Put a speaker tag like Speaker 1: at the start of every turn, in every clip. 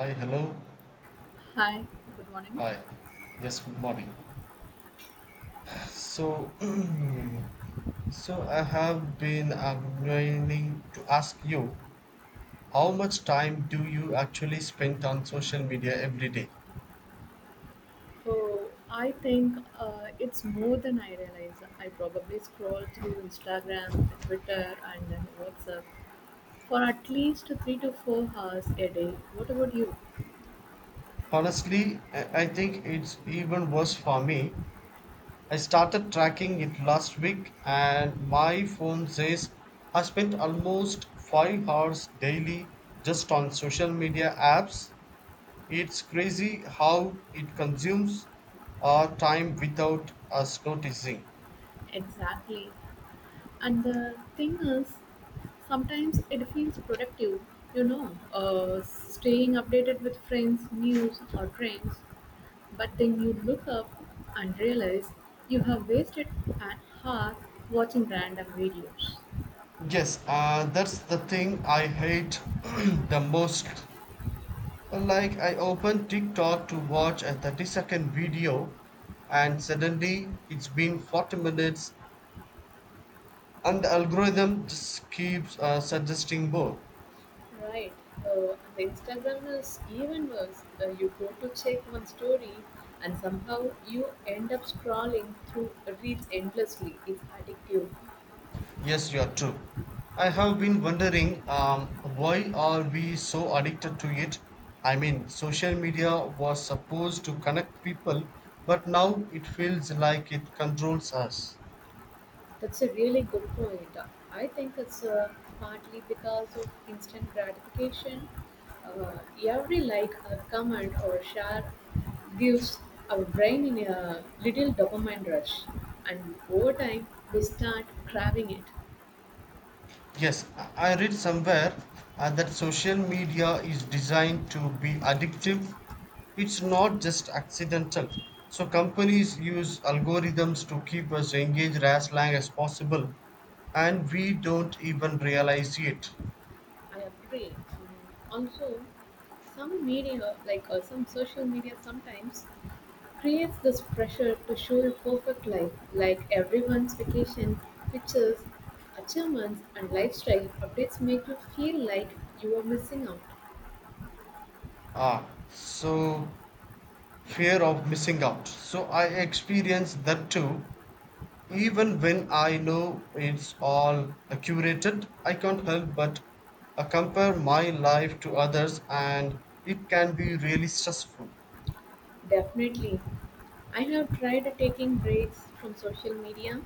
Speaker 1: Hi, hello.
Speaker 2: Hi, good morning.
Speaker 1: Hi. Yes, good morning. So, so I have been meaning to ask you, how much time do you actually spend on social media every day?
Speaker 2: So I think it's more than I realize. I probably scroll through Instagram, Twitter, and then WhatsApp for at least 3 to 4 hours a day. What about you?
Speaker 1: Honestly, I think it's even worse for me. I started tracking it last week, and my phone says I spent almost 5 hours daily just on social media apps. It's crazy how it consumes our time without us noticing.
Speaker 2: Exactly. And the thing is, sometimes it feels productive, staying updated with friends, news, or trends. But then you look up and realize you have wasted an hour watching random videos.
Speaker 1: Yes, that's the thing I hate the most. Like, I open TikTok to watch a 30-second video, and suddenly it's been 40 minutes, and the algorithm just keeps suggesting more.
Speaker 2: Right. And the Instagram is even worse. You go to check one story and somehow you end up scrolling through reels endlessly. It's addictive.
Speaker 1: Yes, you are true. I have been wondering Why are we so addicted to it? I mean, social media was supposed to connect people, but now it feels like it controls us.
Speaker 2: That's a really good point. I think it's partly because of instant gratification. Uh, every like, a comment, or share gives our brain in a little dopamine rush, and over time we start craving it.
Speaker 1: Yes, I read somewhere that social media is designed to be addictive. It's not just accidental. So companies use algorithms to keep us engaged as long as possible, and we don't even realize it.
Speaker 2: I agree. Also, some media, like some social media, sometimes creates this pressure to show a perfect life, like everyone's vacation, pictures, achievements, and lifestyle updates make you feel like you are missing out.
Speaker 1: Ah, so fear of missing out. So I experience that too. Even when I know it's all curated, I can't help but compare my life to others, and it can be really stressful.
Speaker 2: Definitely. I have tried taking breaks from social media,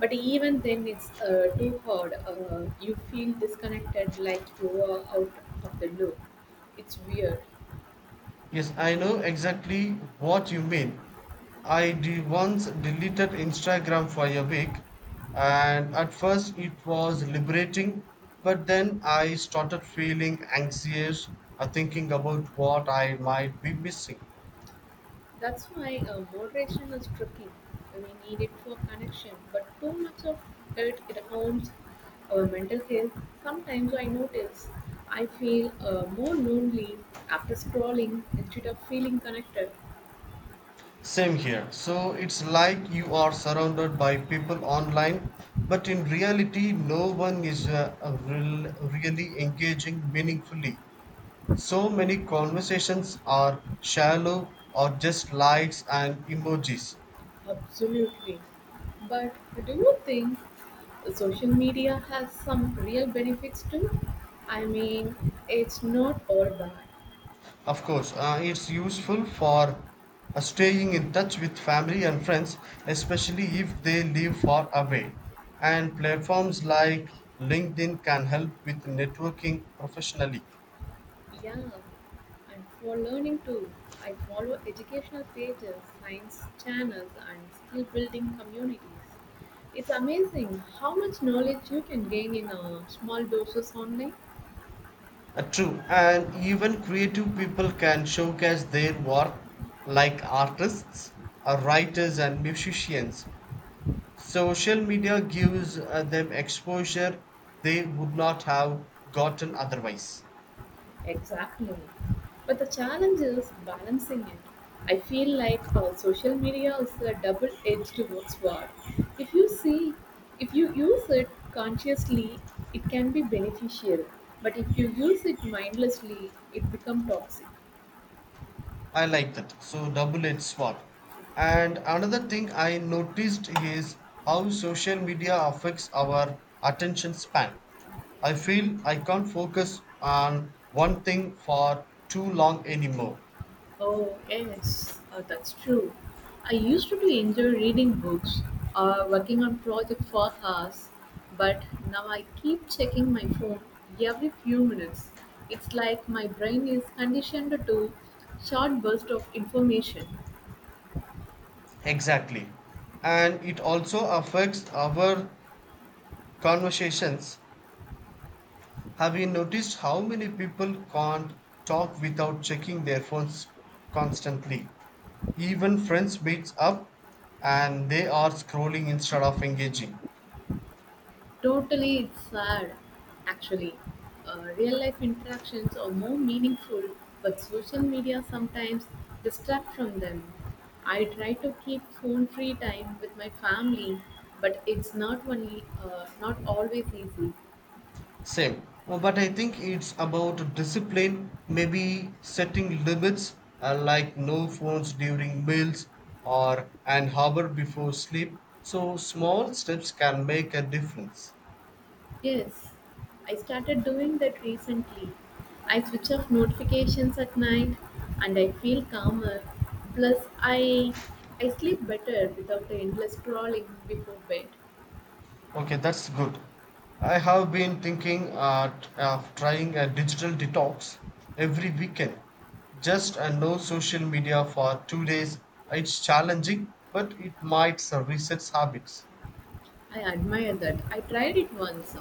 Speaker 2: but even then it's too hard. You feel disconnected, like you are out of the loop. It's weird.
Speaker 1: Yes, I know exactly what you mean. I once deleted Instagram for a week, and at first it was liberating, but then I started feeling anxious, thinking about what I might be missing.
Speaker 2: That's why moderation is tricky. We need it for connection, but too much of it harms our mental health. Sometimes I notice I feel more lonely after scrolling instead of feeling connected.
Speaker 1: Same here. So it's like you are surrounded by people online, but in reality, no one is really engaging meaningfully. So many conversations are shallow or just likes and emojis.
Speaker 2: Absolutely. But do you think social media has some real benefits too? I mean, it's not all bad.
Speaker 1: Of course, it's useful for staying in touch with family and friends, especially if they live far away. And platforms like LinkedIn can help with networking professionally.
Speaker 2: Yeah, and for learning too, I follow educational pages, science channels, and skill building communities. It's amazing how much knowledge you can gain in a small doses online.
Speaker 1: True, and even creative people can showcase their work like artists, writers, and musicians. Social media gives them exposure they would not have gotten otherwise.
Speaker 2: Exactly. But the challenge is balancing it. I feel like social media is a double-edged sword. If you see, if you use it consciously, it can be beneficial. But if you use it mindlessly, it becomes toxic.
Speaker 1: I like that. So, double edged sword. And another thing I noticed is how social media affects our attention span. I feel I can't focus on one thing for too long anymore.
Speaker 2: Oh, yes, that's true. I used to enjoy reading books or working on projects for hours, but now I keep checking my phone every few minutes. It's like my brain is conditioned to short bursts of information.
Speaker 1: Exactly. And it also affects our conversations. Have you noticed how many people can't talk without checking their phones constantly? Even friends meets up and they are scrolling instead of engaging.
Speaker 2: Totally, it's sad. Actually, real life interactions are more meaningful, but social media sometimes distract from them. I try to keep phone free time with my family, but it's not only not always easy.
Speaker 1: Same. But I think it's about discipline, maybe setting limits, like no phones during meals or an hour before sleep. So small steps can make a difference.
Speaker 2: Yes, I started doing that recently. I switch off notifications at night, and I feel calmer. Plus, I sleep better without the endless scrolling before bed.
Speaker 1: Okay, that's good. I have been thinking of trying a digital detox every weekend. Just a no social media for 2 days. It's challenging, but it might reset habits.
Speaker 2: I admire that. I tried it once,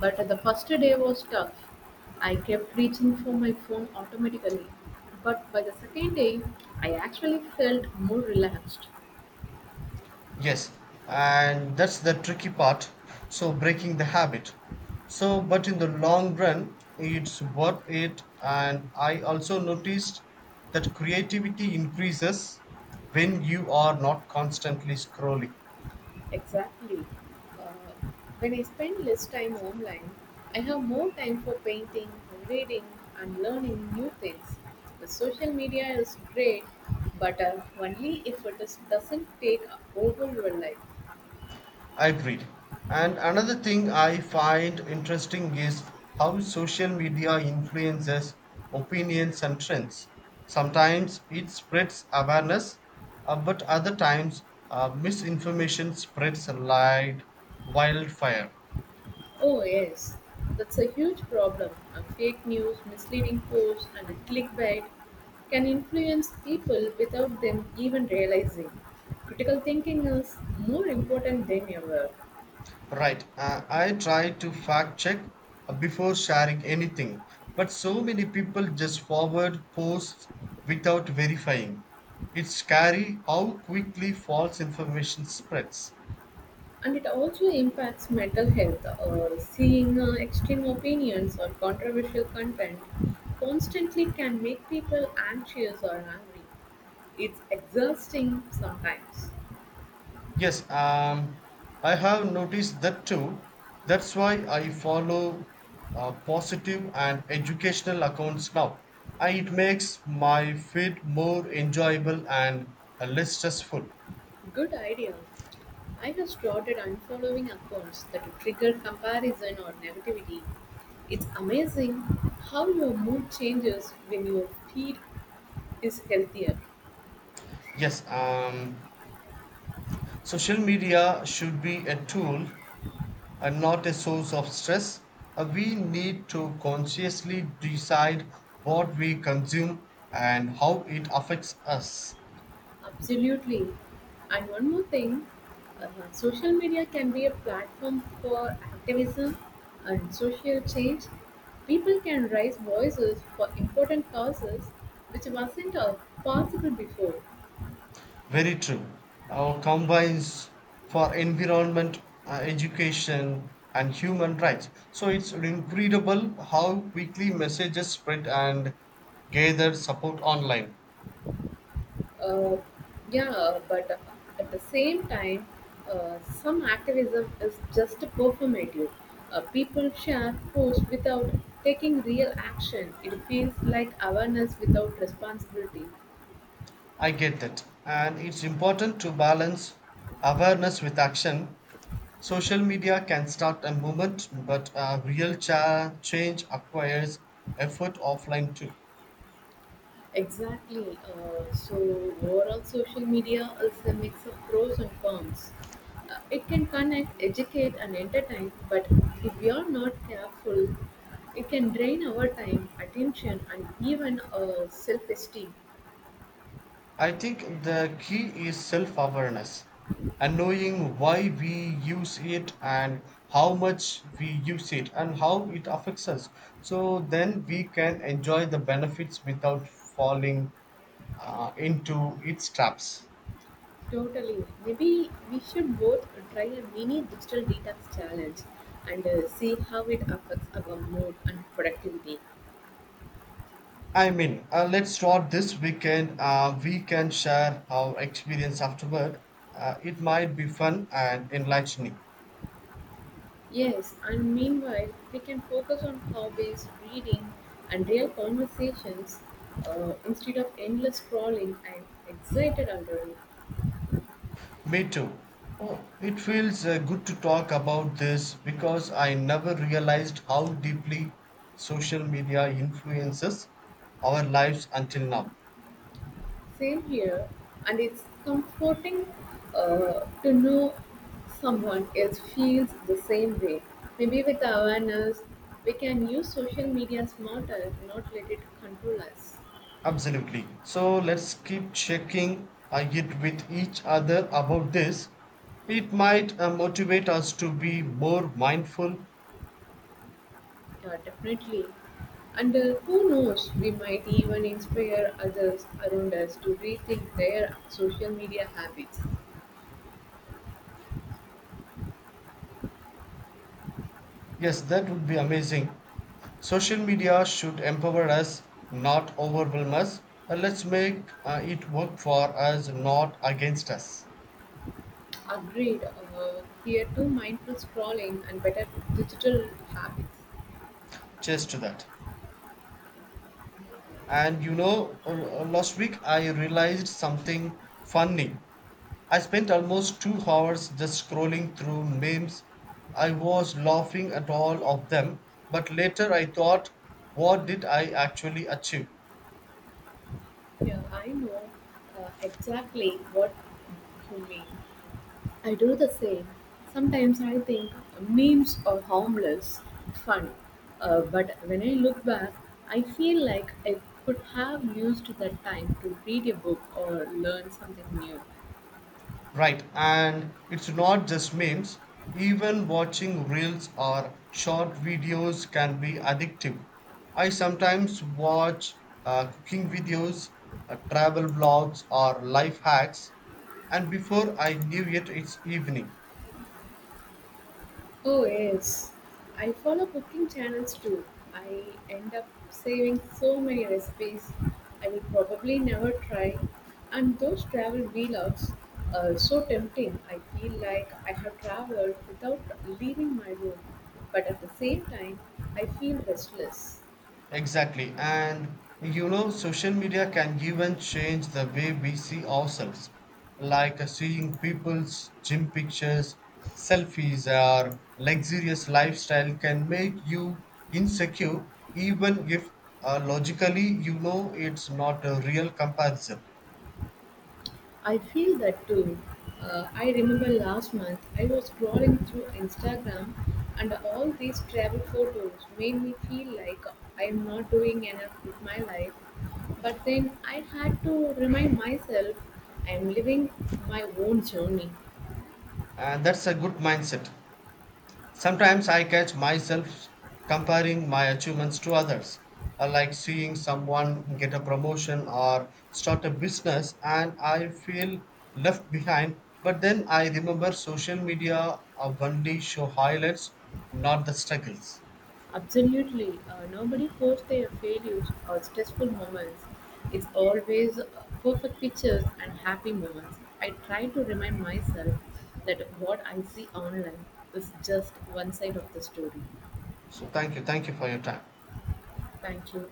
Speaker 2: but the first day was tough. I kept reaching for my phone automatically, but by the second day, I actually felt more relaxed.
Speaker 1: Yes, and that's the tricky part. So breaking the habit. So, but in the long run, it's worth it. And I also noticed that creativity increases when you are not constantly scrolling.
Speaker 2: Exactly. Uh, when I spend less time online, I have more time for painting, reading, and learning new things. The social media is great, but only if it is, doesn't take over your life.
Speaker 1: I agreed. And another thing I find interesting is how social media influences opinions and trends. Sometimes it spreads awareness, but other times misinformation spreads like wildfire.
Speaker 2: Oh, yes, that's a huge problem. Fake news, misleading posts, and clickbait can influence people without them even realizing. Critical thinking is more important than ever,
Speaker 1: Right. I try to fact check before sharing anything, but so many people just forward posts without verifying. It's scary how quickly false information spreads.
Speaker 2: and it also impacts mental health. Seeing extreme opinions or controversial content constantly can make people anxious or angry. It's exhausting sometimes.
Speaker 1: Yes, I have noticed that too. That's why I follow positive and educational accounts now. And it makes my feed more enjoyable and less stressful.
Speaker 2: Good idea. I have started unfollowing accounts that trigger comparison or negativity. It's amazing how your mood changes when your feed is healthier.
Speaker 1: Yes, social media should be a tool and not a source of stress. We need to consciously decide what we consume and how it affects us.
Speaker 2: Absolutely. And one more thing social media can be a platform for activism and social change. People can raise voices for important causes which wasn't possible before.
Speaker 1: Very true. Our combines for environment, education, and human rights. So it's incredible how quickly messages spread and gather support online.
Speaker 2: Uh, yeah, but at the same time, some activism is just performative. People share posts without taking real action. It feels like awareness without responsibility.
Speaker 1: I get that. And it's important to balance awareness with action. Social media can start a movement, but real change acquires effort offline too.
Speaker 2: Exactly. So, overall, social media is a mix of pros and cons. It can connect, educate, and entertain, but if we are not careful, it can drain our time, attention, and even self esteem.
Speaker 1: I think the key is self awareness and knowing why we use it and how much we use it and how it affects us. So then we can enjoy the benefits without falling into its traps.
Speaker 2: Totally. Maybe we should both try a mini digital detox challenge and see how it affects our mood and productivity.
Speaker 1: Let's start this weekend. We can share our experience afterward. It might be fun and enlightening.
Speaker 2: Yes, and meanwhile, we can focus on hobbies, reading, and real conversations instead of endless scrolling. And excited already.
Speaker 1: Me too. Oh, it feels good to talk about this because I never realized how deeply social media influences our lives until now.
Speaker 2: Same here, and it's comforting to know someone else feels the same way. Maybe with awareness, we can use social media smarter, not let it control us.
Speaker 1: Absolutely. So let's keep checking it with each other about this. It might motivate us to be more mindful.
Speaker 2: Yeah, definitely. And who knows, we might even inspire others around us to rethink their social media habits.
Speaker 1: Yes, that would be amazing. Social media should empower us, not overwhelm us. Let's make it work for us, not against us.
Speaker 2: Agreed, here too mindful scrolling and better digital habits.
Speaker 1: Cheers to that. And you know, last week I realized something funny. I spent almost 2 hours just scrolling through memes. I was laughing at all of them, but later I thought, what did I actually achieve?
Speaker 2: Yeah, I know exactly what you mean. I do the same. Sometimes I think memes are harmless, fun, but when I look back, I feel like I could have used that time to read a book or learn something new.
Speaker 1: Right, and it's not just memes. Even watching reels or short videos can be addictive. I sometimes watch cooking videos, travel vlogs, or life hacks, and before I knew it, it's evening.
Speaker 2: Oh yes, I follow cooking channels too. I end up saving so many recipes I will probably never try. And those travel vlogs are so tempting. I feel like I have traveled without leaving my room, but at the same time, I feel restless.
Speaker 1: Exactly. And you know, social media can even change the way we see ourselves, like seeing people's gym pictures, selfies, or luxurious lifestyle can make you insecure, even if logically you know it's not a real comparison.
Speaker 2: I feel that too. I remember last month I was scrolling through Instagram and all these travel photos made me feel like I am not doing enough with my life. But then I had to remind myself I am living my own journey.
Speaker 1: And that's a good mindset. Sometimes I catch myself comparing my achievements to others. I like seeing someone get a promotion or start a business and I feel left behind. But then I remember social media only show highlights, not the struggles.
Speaker 2: Absolutely. Nobody posts their failures or stressful moments. It's always perfect pictures and happy moments. I try to remind myself that what I see online is just one side of the story.
Speaker 1: So thank you. Thank you for your time.
Speaker 2: Thank you.